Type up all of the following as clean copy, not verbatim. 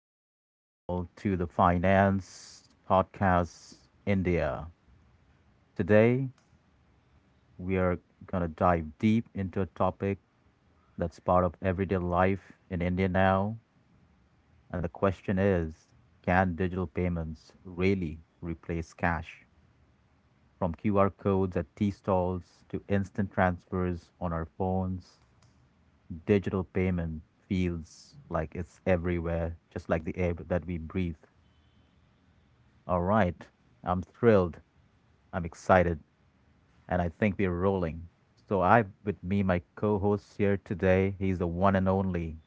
Welcome all to the Finance Podcast India. Today, we are going to dive deep into a topic that's part of everyday life in India now. And the question is, can digital payments really replace cash? From QR codes at tea stalls to instant transfers on our phones, digital payment feels like it's everywhere, just like the air that we breathe. All right, I'm thrilled. I'm excited. And I think we're rolling. So I with me my co-host here today, he's the one and only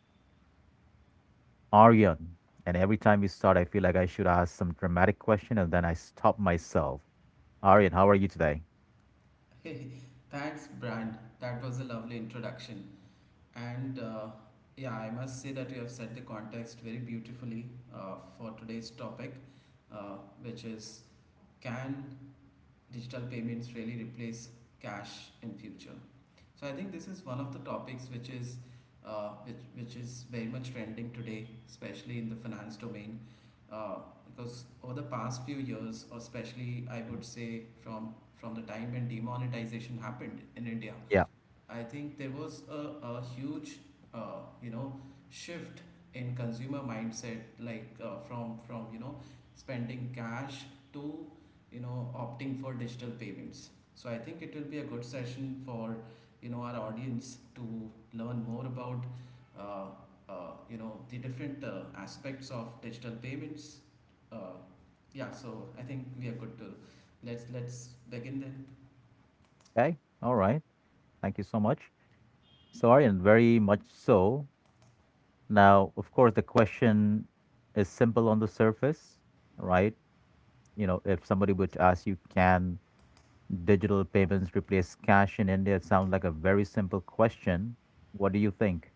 Aryan. And every time we start, I feel like I should ask some dramatic question and then I stop myself. Aryan, how are you today? Thanks, Brand. That was a lovely introduction. And yeah, I must say that you have set the context very beautifully for today's topic, uh, which is can digital payments really replace cash in future? So I think this is one of the topics which is which is very much trending today, especially in the finance domain, uh, because over the past few years, or especially I would say from the time when demonetization happened in India. Yeah. I think there was a huge, uh, you know, shift in consumer mindset, like from spending cash to opting for digital payments. So I think it will be a good session for our audience to learn more about uh, the different aspects of digital payments. Uh, yeah, so I think we are good to let's begin then. Okay. All right. Thank you so much. So Aryan, very much so. Now, of course, the question is simple on the surface, right? You know, if somebody would ask you, can digital payments replace cash in India. It sounds like a very simple question. What do you think?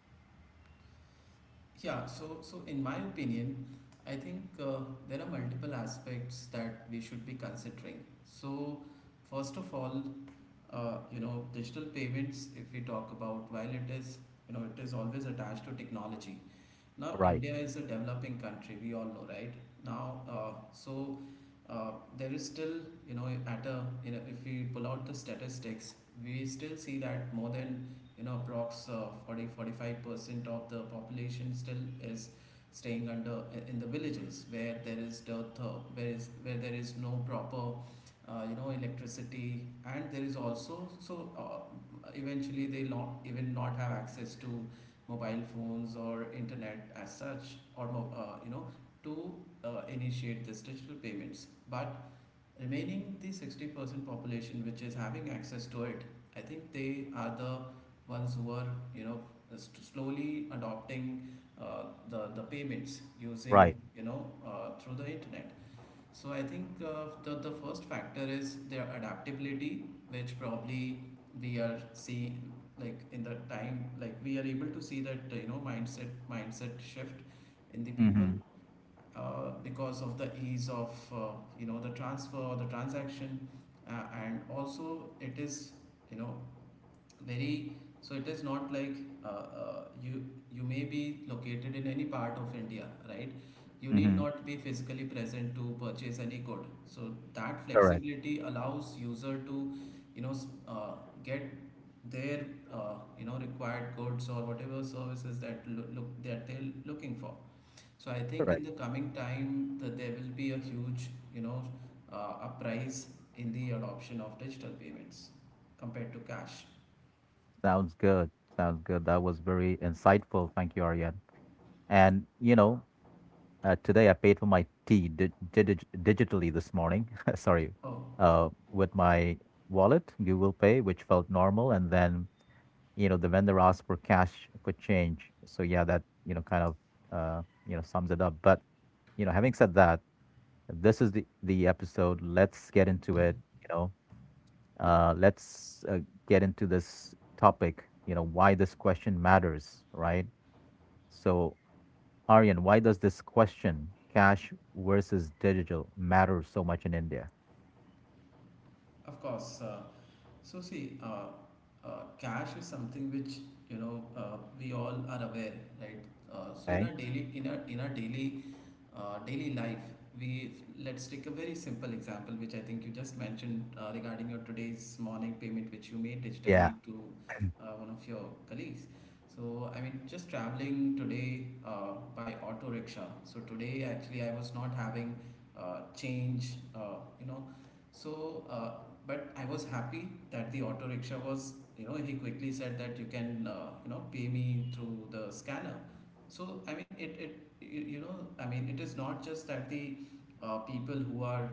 Yeah, so in my opinion, I think there are multiple aspects that we should be considering. So first of all, digital payments, if we talk about, while it is, it is always attached to technology. Now, Right, India is a developing country, we all know, right? Now, uh, there is still, you know, at a, you know, if we pull out the statistics, we still see that more than, approx 40, 45% of the population still is staying under in the villages where there is dearth, where there is no proper electricity. And there is also, eventually, they not even not have access to mobile phones or internet as such, or mo- you know to initiate this digital payments, but remaining the 60% population which is having access to it, I think they are the ones who are you know slowly adopting the payments using, right. Through the internet. So I think the first factor is their adaptability, which probably, we are see like in the time, like we are able to see that mindset shift in the people, Mm-hmm. Because of the ease of, the transfer or the transaction, and also it is, you know very so it is not like, uh, uh, you you may be located in any part of India, right? You need Mm-hmm. not be physically present to purchase any good, so that Correct, flexibility allows user to, you know s- uh, get their required goods or whatever services that look that they're looking for. So I think in correct. the coming time that there will be a huge, you know uprise in the adoption of digital payments compared to cash. Sounds good. Sounds good. That was very insightful. Thank you, Aryan. And, today I paid for my tea di digi digitally this morning. Sorry. Oh. With my wallet, Google Pay, which felt normal. And then, you know, the vendor asked for cash could change. So yeah, that, you know, kind of, sums it up. But, you know, having said that, this is the episode. Let's get into it, you know. Let's get into this topic, you know, why this question matters, right? So, Aryan, why does this question, cash versus digital, matter so much in India? Of course. So see, cash is something which, we all are aware, right? So in our Okay. daily life. We Let's take a very simple example, which I think you just mentioned regarding your today's morning payment, which you made Yeah, digitally to one of your colleagues. So I mean, just traveling today by auto rickshaw. So today actually I was not having change, so, uh, but I was happy that the auto rickshaw was, he quickly said that you can, pay me through the scanner. So I mean, it I mean, it is not just that the people who are,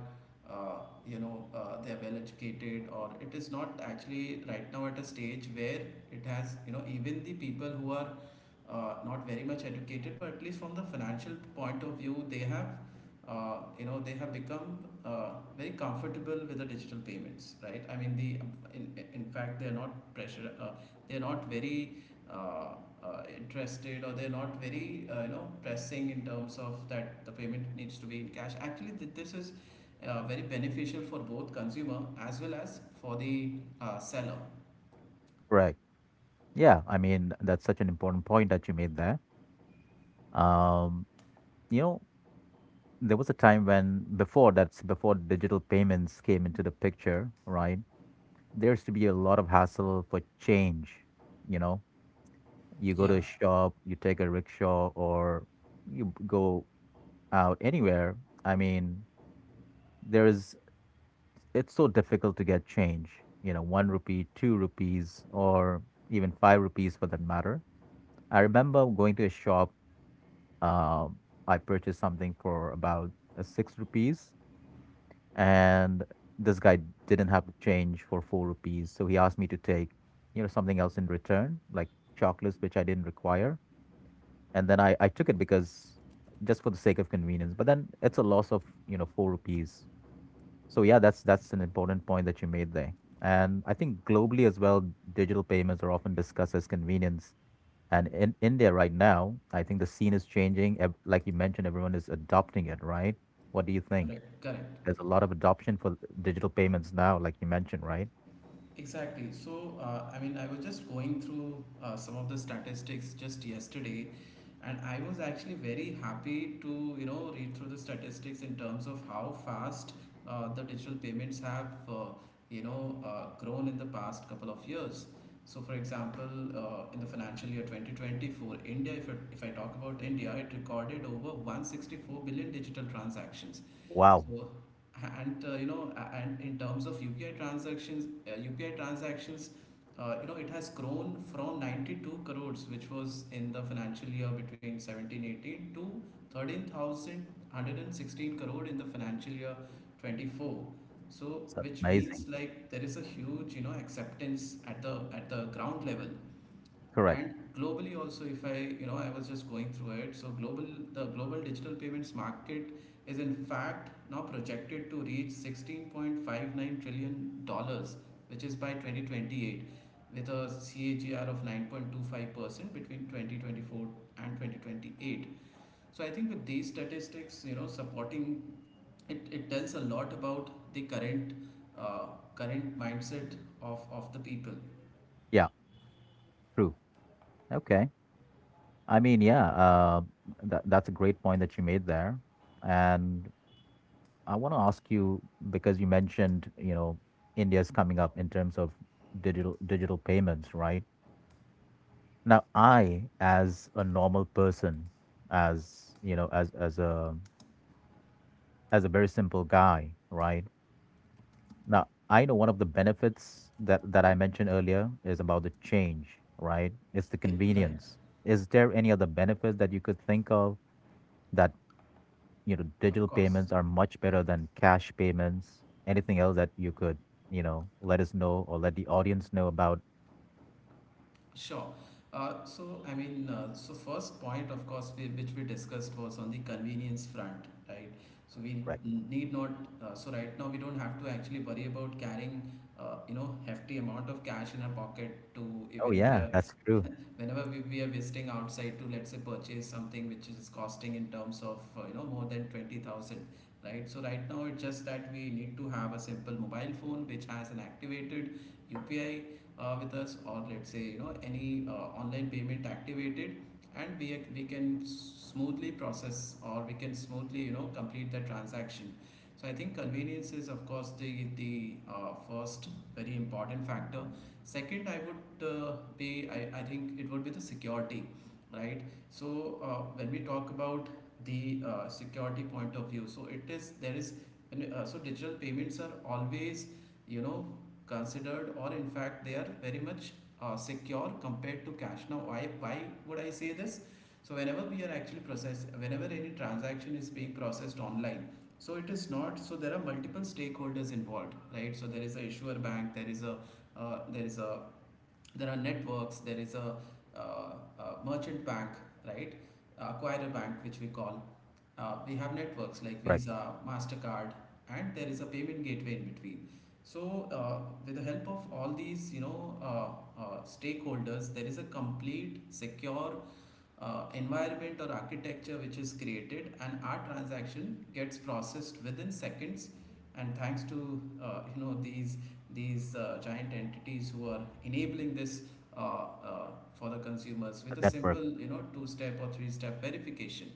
uh, they're well educated, or it is not actually right now at a stage where it has, even the people who are not very much educated, but at least from the financial point of view, they have become very comfortable with the digital payments, right? I mean, the in fact they're not pressure, they're not very, uh, interested, or they're not very, pressing in terms of that the payment needs to be in cash. Actually this is very beneficial for both consumer as well as for the seller. correct. Yeah, I mean, that's such an important point that you made there. Um, you know, there was a time when before digital payments came into the picture, right? There used to be a lot of hassle for change. You know, you go to Yeah, a shop, you take a rickshaw, or you go out anywhere. I mean, there is it's so difficult to get change. You know, one rupee, two rupees, or even five rupees for that matter. I remember going to a shop. Um, I purchased something for about six rupees, and this guy didn't have the change for four rupees, so he asked me to take, you know, something else in return, like chocolates, which I didn't require. And then I took it, because just for the sake of convenience, but then it's a loss of, you know, four rupees. So yeah, that's an important point that you made there. And I think globally as well, digital payments are often discussed as convenience. And in India right now, I think the scene is changing. Like you mentioned, everyone is adopting it, right? What do you think? correct, correct. There's a lot of adoption for digital payments now, like you mentioned, right? Exactly. So, I mean, I was just going through some of the statistics just yesterday, and I was actually very happy to, read through the statistics in terms of how fast the digital payments have, grown in the past couple of years. So, for example, in the financial year 2020 for India, if I talk about India, it recorded over 164 billion digital transactions. Wow, So, and and in terms of UPI transactions, it has grown from 92 crores, which was in the financial year between seventeen eighteen to 13,116 crore in the financial year 24. So, that's which amazing. means like there is a huge, acceptance at the ground level. Correct. And globally also, if I, you know, I was just going through it. So the global digital payments market is in fact now projected to reach $16.59 trillion, which is by 2028, with a CAGR of 9.25% between 2024 and 2028. So I think with these statistics, supporting it tells a lot about the current uh, mindset of the people. Yeah, true. Okay. I mean, yeah, that that's a great point that you made there. And I want to ask you, because you mentioned, you know, India's coming up in terms of digital payments, right? Now, I, as a normal person, as you know, as a very simple guy, right? Now, I know one of the benefits that I mentioned earlier is about the change, right? It's the Right, convenience. Is there any other benefits that you could think of that, you know, of digital course. payments are much better than cash payments? Anything else that you could, you know, let us know or let the audience know about? Sure. So, I mean, so first point, of course, which we discussed was on the convenience front, right? So we Correct. Need not, so right now we don't have to actually worry about carrying, hefty amount of cash in our pocket, to Oh even if we yeah, are, that's true. whenever we are visiting outside to, let's say, purchase something which is costing in terms of, more than 20,000. Right, so right now it's just that we need to have a simple mobile phone which has an activated UPI with us, or let's say, any online payment activated, and we can smoothly process, or we can smoothly, complete the transaction. So I think convenience is, of course, the first very important factor. Second, I would, be I think it would be the security, right? So when we talk about the security point of view, so it is there is and, so digital payments are always, you know considered, or in fact they are very much secure compared to cash. Now why would I say this? So whenever we are actually process whenever any transaction is being processed online, so it is not so there are multiple stakeholders involved, right? So there is a issuer bank, there is a, uh, there is a there are networks, there is uh, a merchant bank, right? Acquirer bank, which we call, we have networks like Correct. Visa, Mastercard, and there is a payment gateway in between. So, with the help of all these, stakeholders, there is a complete secure environment or architecture which is created, and our transaction gets processed within seconds. And thanks to, these giant entities who are enabling this, for the consumers, The with a network. simple, two step or three step verification.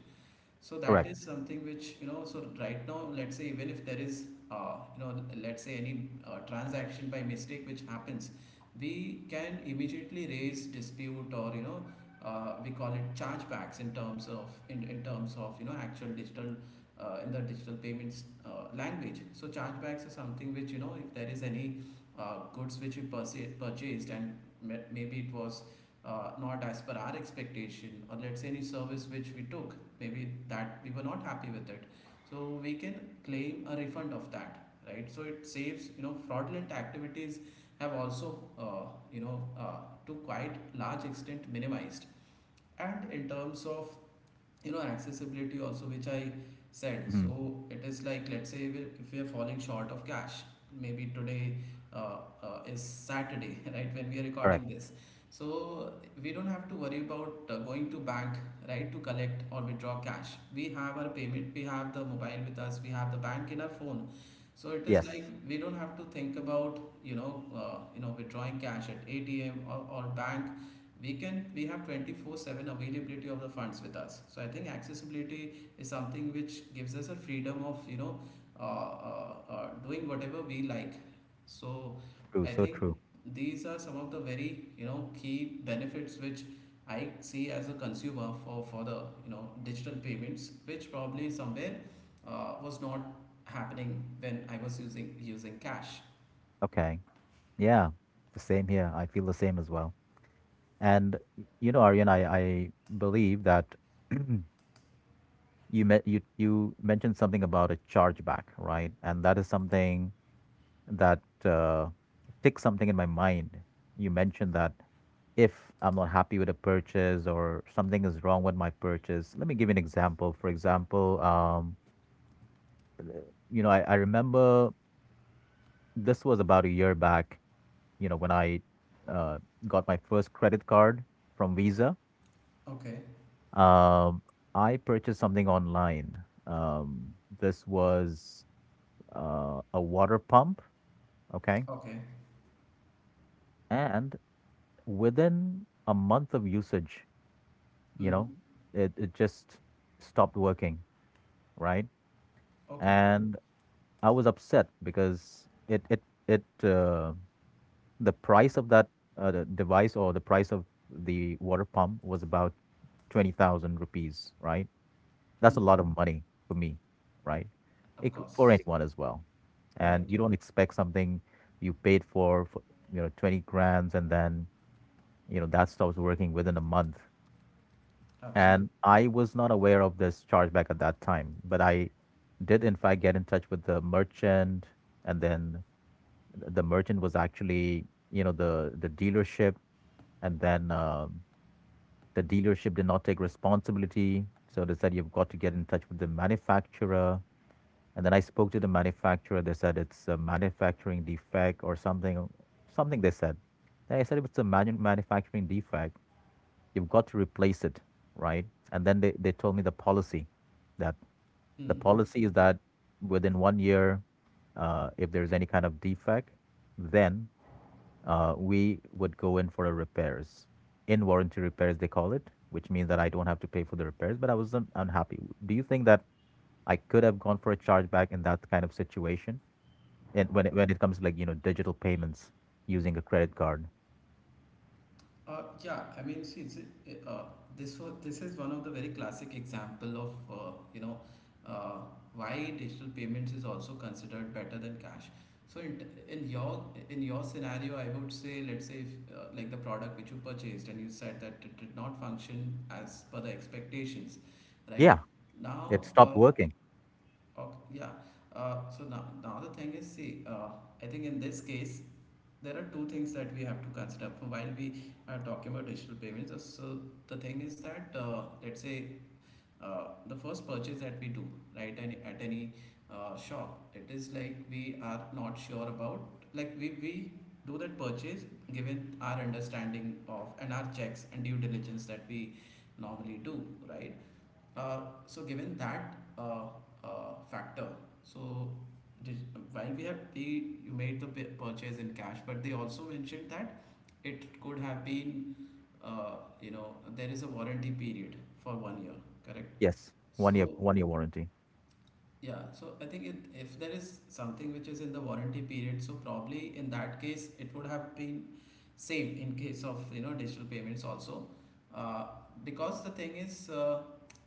So that Correct. is something which, so right now, let's say even if there is, uh, you know, let's say any transaction by mistake which happens, we can immediately raise dispute, or, we call it chargebacks, in terms of, in terms of, actual digital, in the digital payments language. So chargebacks are something which, if there is any goods which you purchased, and maybe it was not as per our expectation, or let's say any service which we took, maybe that we were not happy with it. So we can claim a refund of that, right? So it saves, fraudulent activities have also, you know, uh, to quite large extent minimized. And in terms of accessibility also which i said Hmm. so it is like, let's say if we are falling short of cash maybe today, uh, is Saturday right, when we are Correct. recording this. So we don't have to worry about going to bank, right, to collect or withdraw cash. We have our payment, we have the mobile with us, we have the bank in our phone. So it is like Yes. we don't have to think about withdrawing cash at ATM or bank. We have 24/7 availability of the funds with us. So I think accessibility is something which gives us a freedom of doing whatever we like. So True. I So think true. these are some of the very key benefits which I see as a consumer for the digital payments, which probably somewhere was not happening when I was using cash. Okay. Yeah. The same here. I feel the same as well. And you know, Aryan, I believe that you mentioned something about a chargeback, right? And that is something that ticks something in my mind. You mentioned that if I'm not happy with a purchase or something is wrong with my purchase, let me give you an example. For example, you know, I remember this was about a year back, you know, when I uh, got my first credit card from Visa. Okay. Um, I purchased something online. This was a water pump, okay? Okay. And within a month of usage, you know, Hmm. it just stopped working, right? Okay. And I was upset because it the price of that the device, or the price of the water pump, was about 20,000 rupees, right? That's a Hmm. lot of money for me, right? Of It could, for course. anyone as well. And Right. you don't expect something you paid for, you know, 20 grams, and then you know that stops working within a month. Absolutely. And I was not aware of this chargeback at that time, but I did in fact get in touch with the merchant. And then the merchant was actually, you know, the dealership. And then the dealership did not take responsibility, so they said you've got to get in touch with the manufacturer. And then I spoke to the manufacturer. They said it's a manufacturing defect or something, something they said. Then I said, if it's a manufacturing defect, you've got to replace it, right? And then they told me the policy that the Hmm. policy is that within one year, if there's any kind of defect, then we would go in for a repairs, in warranty repairs, they call it, which means that I don't have to pay for the repairs, but I was unhappy. Do you think that I could have gone for a chargeback in that kind of situation? And when when it comes to, like, you know, digital payments using a credit card. Yeah, I mean, see, this was, this is one of the very classic example of uh, why digital payments is also considered better than cash. So in your scenario, I would say, let's say, if, like, the product which you purchased and you said that it did not function as per the expectations, Yeah, right? it Now, stopped working. Yeah. So now, now the thing is, see, I think in this case, there are two things that we have to consider while we are talking about digital payments. So the thing is that, let's say, the first purchase that we do, right, any, at any shop, it is like we are not sure about, like, we do that purchase given our understanding of and our checks and due diligence that we normally do, right. uh, so given that uh, factor, so did, while we have paid, you made the purchase in cash, but they also mentioned that it could have been, you know, there is a warranty period for 1 year, correct? Yes. So, One year warranty. yeah, so I think it, if there is something which is in the warranty period, so probably in that case it would have been same in case of digital payments also, uh, because the thing is, uh,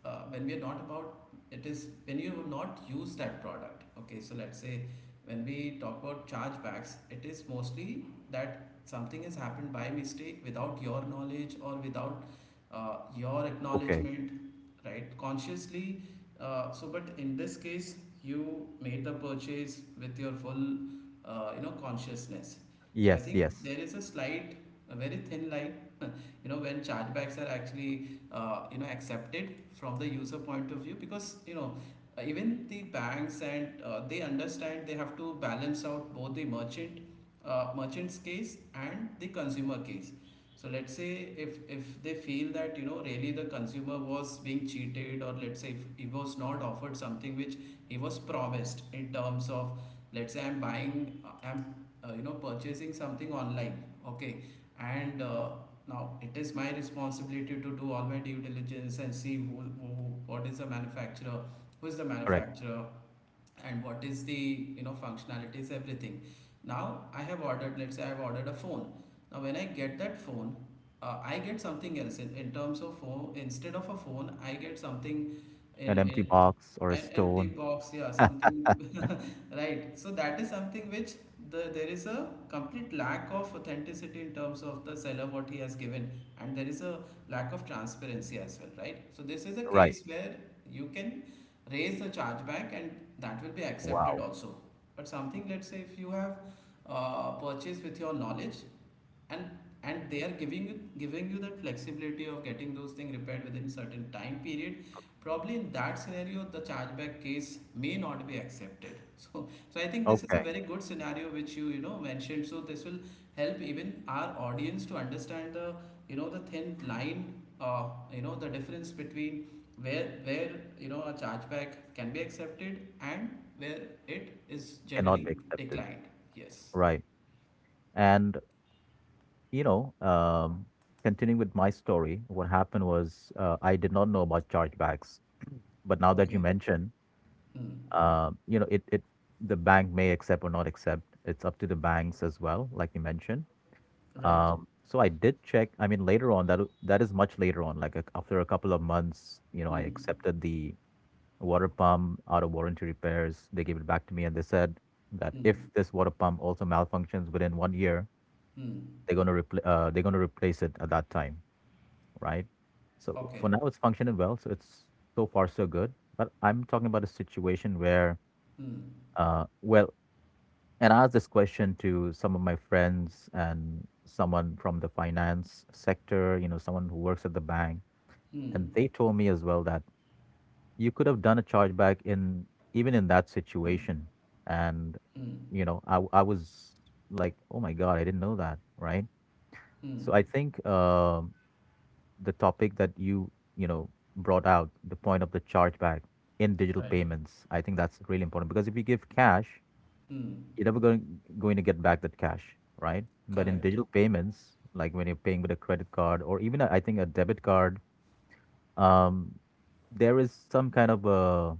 uh, when we are not about, it is when you not use that product. Okay, so let's say, when we talk about chargebacks, it is mostly that something has happened by mistake without your knowledge or without your Okay. acknowledgement, right, consciously. So but in this case you made the purchase with your full consciousness. So I Yes, think yes. there is a slight, a very thin line you know, when chargebacks are actually you know, accepted from the user point of view, because, you know, even the banks and they understand they have to balance out both the merchant merchant's case and the consumer case. So let's say if they feel that, you know, really the consumer was being cheated, or let's say if he was not offered something which he was promised, in terms of, let's say, I'm buying, I'm you know, purchasing something online, okay, and now it is my responsibility to do all my due diligence and see who what is the manufacturer, who is the Correct. manufacturer, and what is the, you know, functionalities, everything. Now I have ordered, let's say, I've ordered a phone. Now when I get that phone, I get something else in terms of phone. Instead of a phone, I get something An empty in box or a an empty stone. box, yeah, something. Right, so that is something which, the, there is a complete lack of authenticity in terms of the seller, what he has given, and there is a lack of transparency as well, right? So this is a Right. case where you can raise the chargeback and that will be accepted Wow. also. But something, let's say if you have purchased with your knowledge, and they are giving you that flexibility of getting those things repaired within certain time period, probably in that scenario the chargeback case may not be accepted. So, so I think this is a Okay. very good scenario which you know, mentioned. So this will help even our audience to understand the, you know, the thin line, uh, you know, the difference between where a chargeback can be accepted, and where it is Cannot generally be accepted. declined. Yes. Right. And you know, um, continuing with my story, what happened was, I did not know about chargebacks. But now that you Okay. mention, Hmm. You know, it the bank may accept or not accept. It's up to the banks as well, like you mentioned. Right. So I did check. I mean, later on, that is much later on. Like a, after a couple of months, you know, I Hmm. accepted the water pump out of warranty repairs. They gave it back to me, and they said that if Mm. this water pump also malfunctions within one year, Mm. they're gonna they're gonna replace it at that time, right? So Okay. for now, it's functioning well. So it's so far so good. But I'm talking about a situation where, Mm. uh, well, and I asked this question to some of my friends and someone from the finance sector, you know, someone who works at the bank. And Mm. they told me as well that you could have done a chargeback in, even in that situation. And, Mm. you know, I was like, oh my God, I didn't know that. Right. So Mm. I think, um, the topic that you know, brought out, the point of the chargeback in digital Right. payments, I think that's really important. Because if you give cash, Mm. you're never going to get back that cash, right? But in Correct. digital payments, like when you're paying with a credit card or even a, I think, a debit card, um, there is some kind of a,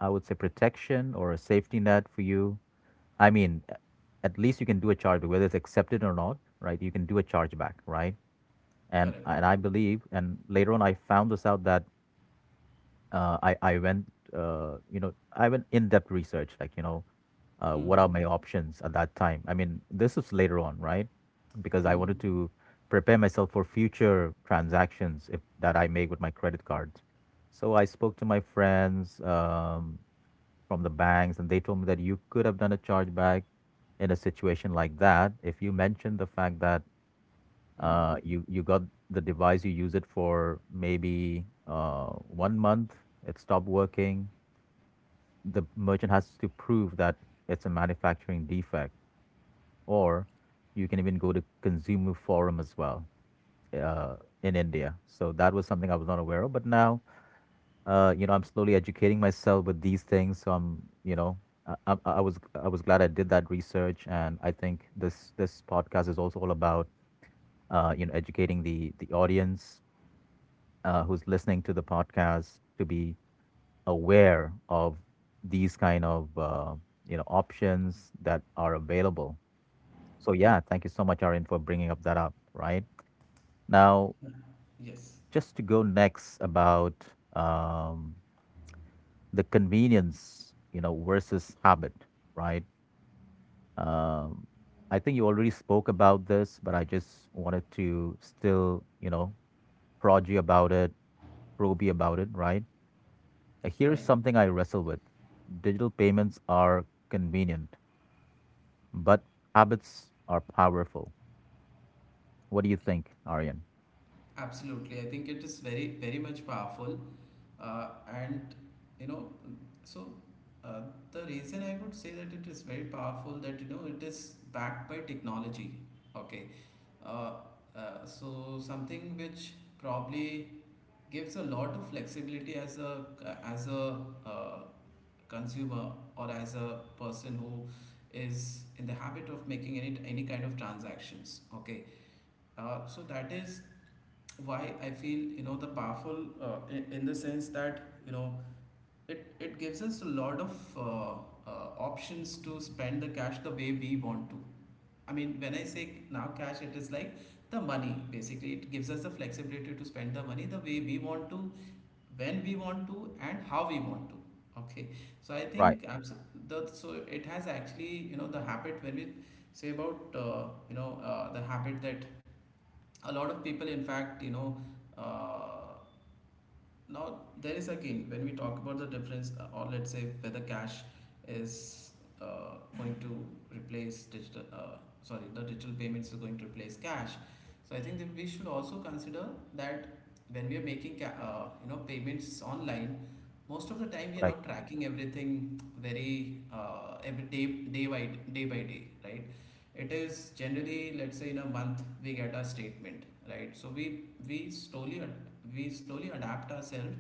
I would say, protection or a safety net for you. I mean, at least you can do a chargeback, whether it's accepted or not, right? You can do a chargeback, right? Correct. And I believe, and later on I found this out that I went, you know, I went in depth research, like, you know, what Mm. are my options at that time? I mean, this is later on, right? Because I wanted Mm. to prepare myself for future transactions if that I make with my credit cards. So I spoke to my friends, from the banks, and they told me that you could have done a chargeback in a situation like that if you mentioned the fact that Mm. You you got the device, you use it for maybe one month, it stopped working. The merchant has to prove that it's a manufacturing defect, or you can even go to Consumer Forum as well, uh, in India. So that was something I was not aware of. But now, you know, I'm slowly educating myself with these things. So I'm, you know, I was glad I did that research, and I think this this podcast is also all about, you know, educating the audience, who's listening to the podcast, to be aware of these kind of, you know, options that are available. So yeah, thank you so much, Aaron, for bringing up that up. Right. Now, Yes. just to go next about um, the convenience versus habit, right? Um, I think you already spoke about this, but I just wanted to still prod you about it, probe you about it, right? Here's Right. something I wrestle with. Digital payments are convenient, but habits are powerful. What do you think, Aryan? Absolutely, I think it is very, very much powerful. And, you know, so, uh, the reason I would say that it is very powerful, that, you know, it is backed by technology. Okay, uh, so something which probably gives a lot of flexibility as a uh, consumer, or as a person who is in the habit of making any kind of transactions. Okay, so that is why I feel, you know, the powerful in the sense that, you know, it gives us a lot of options to spend the cash the way we want to. I mean, when I say now cash, it is like the money. Basically, it gives us the flexibility to spend the money the way we want to, when we want to, and how we want to. Okay, so I Right. think abs- the so it has actually, you know, the habit, when we say about the habit that a lot of people, in fact, you know, uh, now there is again when we talk about the difference, or let's say whether cash is going to replace digital, sorry, the digital payments is going to replace cash. So I think that we should also consider that when we are making you know, payments online, most of the time we are Correct. not tracking everything very every day, day by day by day, right. It is generally, let's say, in a month we get a statement, right. So we slowly adapt ourselves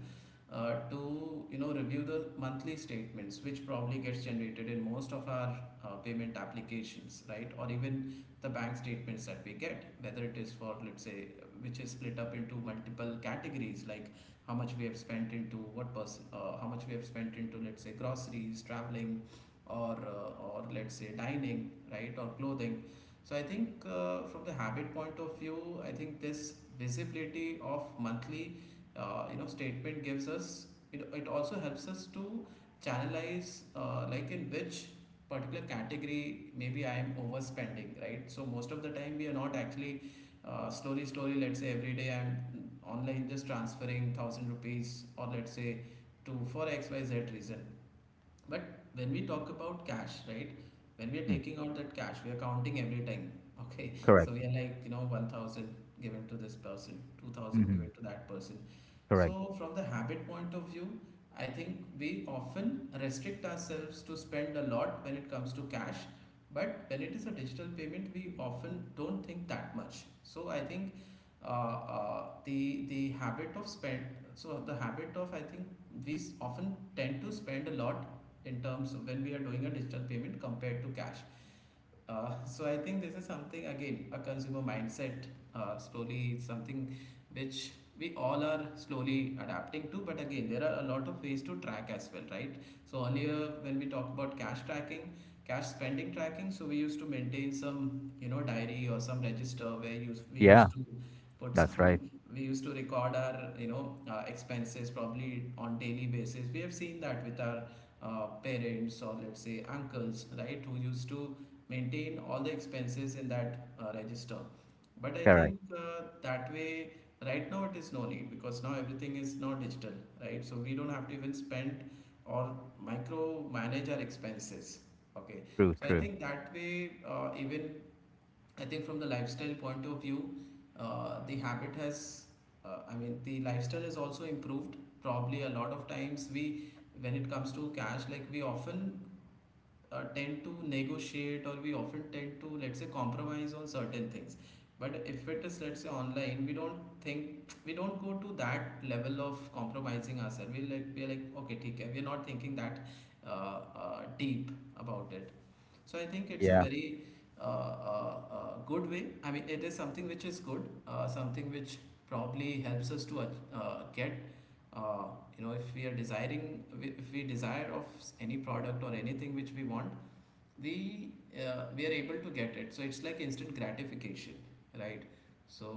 to, you know, review the monthly statements which probably gets generated in most of our payment applications, right, or even the bank statements that we get, whether it is for, let's say, which is split up into multiple categories, like how much we have spent into what person, how much we have spent into, let's say, groceries, traveling, or let's say dining, right, or clothing. So I think, from the habit point of view, I think this visibility of monthly you know statement gives us, it also helps us to channelize, like in which particular category maybe I am overspending, right. So most of the time we are not actually slowly slowly let's say every day I'm online just transferring 1000 rupees, or let's say to for xyz reason. But when we talk about cash, right? When we are Mm, taking out that cash, we are counting every time. Okay. So correct. we are like, you know, 1000 given to this person, 2000 Hmm. given to that person. Correct. So from the habit point of view, I think we often restrict ourselves to spend a lot when it comes to cash. But when it is a digital payment, we often don't think that much. So I think the habit of spend, so the habit of, I think, often tend to spend a lot in terms of when we are doing a digital payment compared to cash. So I think this is something, again, a consumer mindset, slowly something which we all are slowly adapting to. But again, there are a lot of ways to track as well, right? So earlier, when we talk about cash tracking, cash spending tracking, so we used to maintain some, you know, diary or some register where you we Yeah, used to put that's right. some, we used to record our, you know, expenses probably on daily basis. We have seen that with our parents, or let's say uncles, right, who used to maintain all the expenses in that register. But I Correct. think, that way, right now it is no need, because now everything is now digital, right? So we don't have to even spend or micro manage our expenses. Okay, True, so I true. think that way, even I think from the lifestyle point of view, the habit has, I mean, the lifestyle has also improved. Probably a lot of times we, when it comes to cash, like, we often tend to negotiate, or we often tend to, let's say, compromise on certain things. But if it is, let's say, online, we don't think, we don't go to that level of compromising ourselves. We like, we're like, okay, theek hai. We're not thinking that deep about it. So I think it's a Yeah, very uh, good way. I mean, it is something which is good, something which probably helps us to get, uh, you know, if we are desiring, if we desire of any product or anything which we want, we we are able to get it, so it's like instant gratification, right? So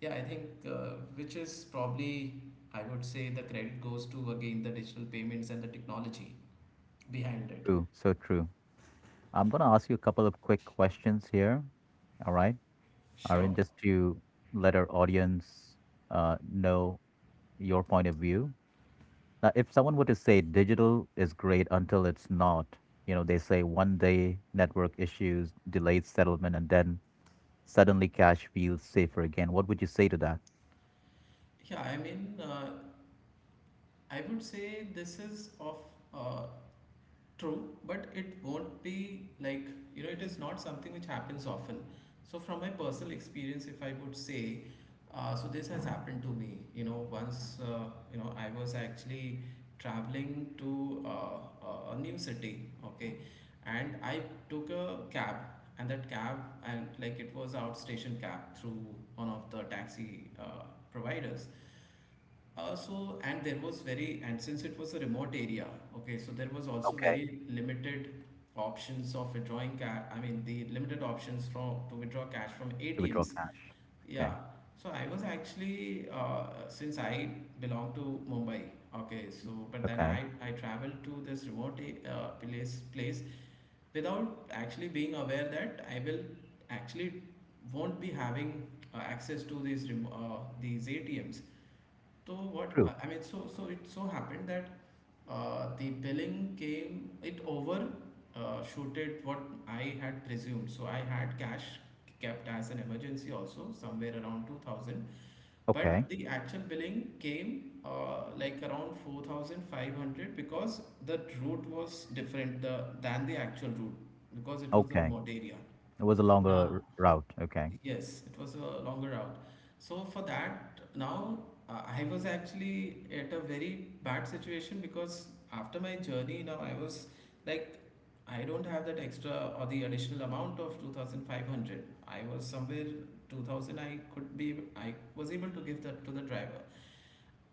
yeah, I think which is probably, I would say the credit goes to again the digital payments and the technology behind it. true. So true. I'm going to ask you a couple of quick questions here. All right. Aryan, Sure. just to let our audience know your point of view. Now, if someone were to say digital is great until it's not, you know, they say one day network issues, delayed settlement, and then suddenly cash feels safer again. What would you say to that? Yeah, I mean, I would say this is of uh, true, but it won't be like, you know, it is not something which happens often. So from my personal experience, if I would say, so this has happened to me, you know, once. You know, I was actually traveling to a new city, okay, and I took a cab, and that cab, and like, it was outstation cab through one of the taxi providers. So and there was very, and since it was a remote area, okay, so there was also Okay. very limited options of withdrawing cash. I mean, the limited options from to withdraw cash from To withdraw ATMs. cash. Yeah. Okay. So I was actually since I belong to Mumbai, okay. So but then Okay. I traveled to this remote place without actually being aware that I will actually won't be having access to these these ATMs. So what, True. I mean, so it so happened that the billing came, it over shooted what I had presumed. So I had cash kept as an emergency also somewhere around 2,000, Okay. but the actual billing came like around 4,500 because the route was different than the actual route, because it was a Okay. remote area. It was a longer Now, route. Okay. yes, it was a longer route. So for that, now I was actually at a very bad situation because after my journey, now I was like, I don't have that extra or the additional amount of 2,500. I was somewhere 2,000 I could be, I was able to give that to the driver.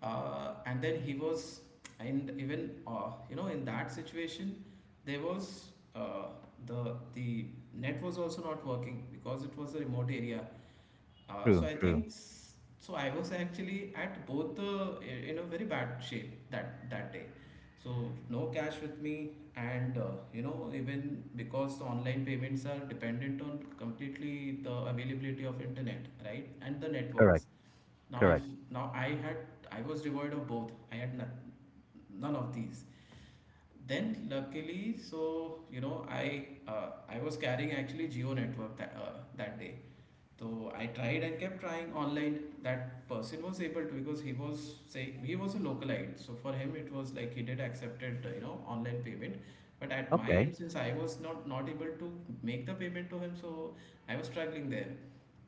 And then he was, and even, you know, in that situation, there was uh, the net was also not working because it was a remote area. So True. I True. think so I was actually at both the, in a very bad shape that day. So no cash with me, and you know, even because the online payments are dependent on completely the availability of internet, right, and the Correct. networks. Now if, Correct. now I had, I was devoid of both. I had no, none of these. Then luckily, so you know, I was carrying actually Geo network that that day, so I tried and kept trying online. That person was able to, because he was saying he was a localite. So for him it was like, he did accepted, you know, online payment. But at my Okay. end, since I was not able to make the payment to him, so I was struggling there.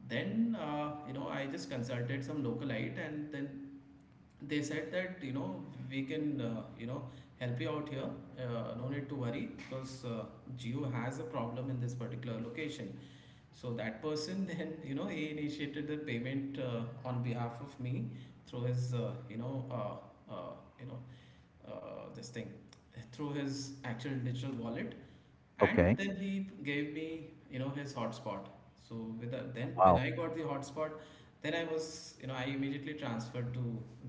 Then, you know, I just consulted some localite, and then they said that, you know, we can, you know, help you out here. No need to worry, because geo has a problem in this particular location. So that person then, you know, he initiated the payment, on behalf of me through his, you know this thing, through his actual digital wallet. And Okay. then he gave me, you know, his hotspot. So with the, then when Wow. I got the hotspot, then I was, you know, I immediately transferred to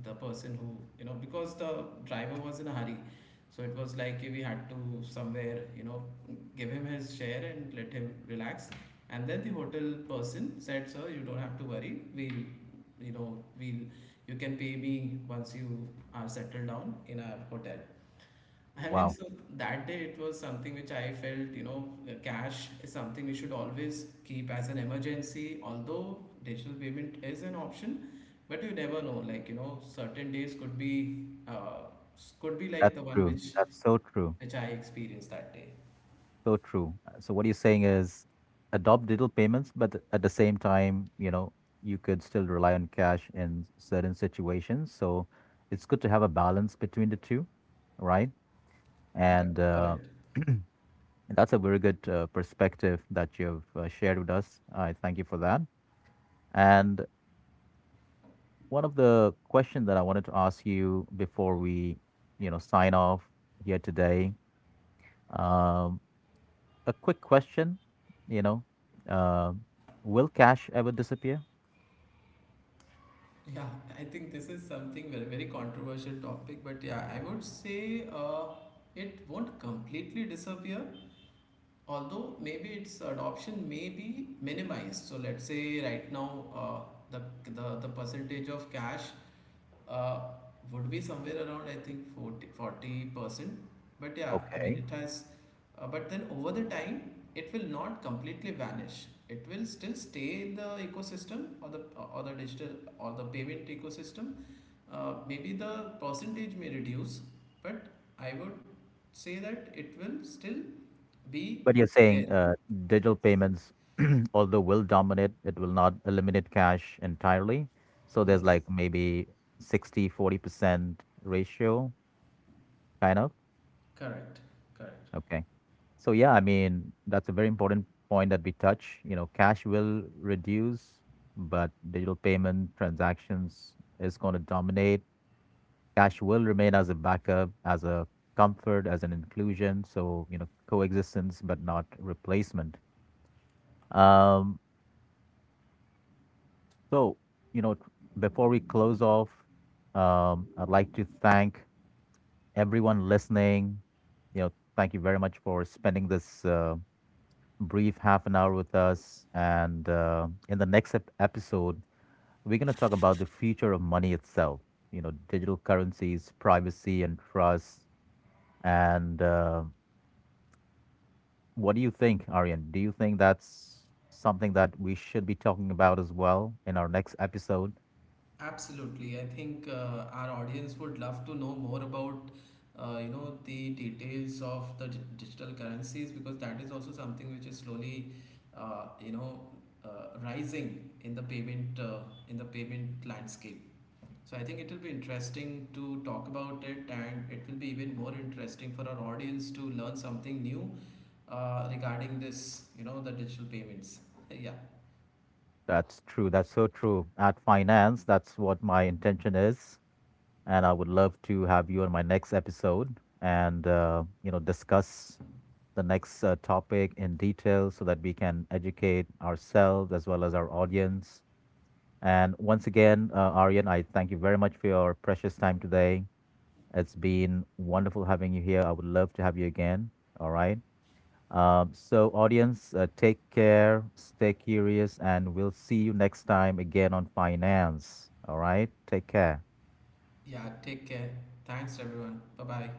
the person, who, you know, because the driver was in a hurry, so it was like we had to somewhere, you know, give him his share and let him relax. And then the hotel person said, sir, you don't have to worry, we'll, you know, we'll, you can pay me once you are settled down in our hotel, I mean. Wow. So that day, it was something which I felt, you know, the cash is something we should always keep as an emergency, although digital payment is an option. But you never know, like, you know, certain days could be, could be like That's the one true. which That's so true. which I experienced that day. So true. So what you're saying is adopt digital payments, but at the same time you could still rely on cash in certain situations. So it's good to have a balance between the two, right? Correct, And correct. and that's a very good perspective that you've shared with us. I thank you for that. And one of the questions that I wanted to ask you before we sign off here today, um, a quick question, you know, um, will cash ever disappear? Yeah, I think this is something very very controversial topic, but yeah, I would say it won't completely disappear. Although maybe its adoption may be minimized. So let's say right now the, the percentage of cash uh, would be somewhere around I think 40%. But yeah, I mean Okay. it has but then over the time it will not completely vanish. It will still stay in the ecosystem or the digital or the payment ecosystem. Maybe the percentage may reduce, but I would say that it will still be But you're there. saying digital Yes. payments, although will dominate, it will not eliminate cash entirely. So there's Yes. like maybe 60-40% ratio, kind of. Correct. Correct. Okay. So yeah, I mean, that's a very important point that we touch. Cash will reduce, but digital payment transactions is going to dominate. Cash will remain as a backup, as a comfort, as an inclusion. So, coexistence, but not replacement. Um, so, you know, before we close off, I'd like to thank everyone listening. Thank you very much for spending this brief half an hour with us. And in the next episode, we're going to talk about the future of money itself digital currencies, privacy, and trust and what do you think, Aryan? Do you think that's something that we should be talking about as well in our next episode? Absolutely. I think our audience would love to know more about you know the details of the digital currencies, because that is also something which is slowly you know rising in the payment, in the payment landscape. So I think it will be interesting to talk about it, and it will be even more interesting for our audience to learn something new regarding this, you know, the digital payments. Yeah. That's true. That's so true. At finance, that's what my intention is, and I would love to have you on my next episode and discuss the next topic in detail so that we can educate ourselves as well as our audience. And once again, Aryan, I thank you very much for your precious time today. It's been wonderful having you here. I would love to have you again. All right. So, audience, take care, stay curious, and we'll see you next time again on finance. All right? Take care. Yeah, take care. Thanks everyone. Bye-bye.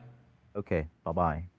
Okay. Bye bye.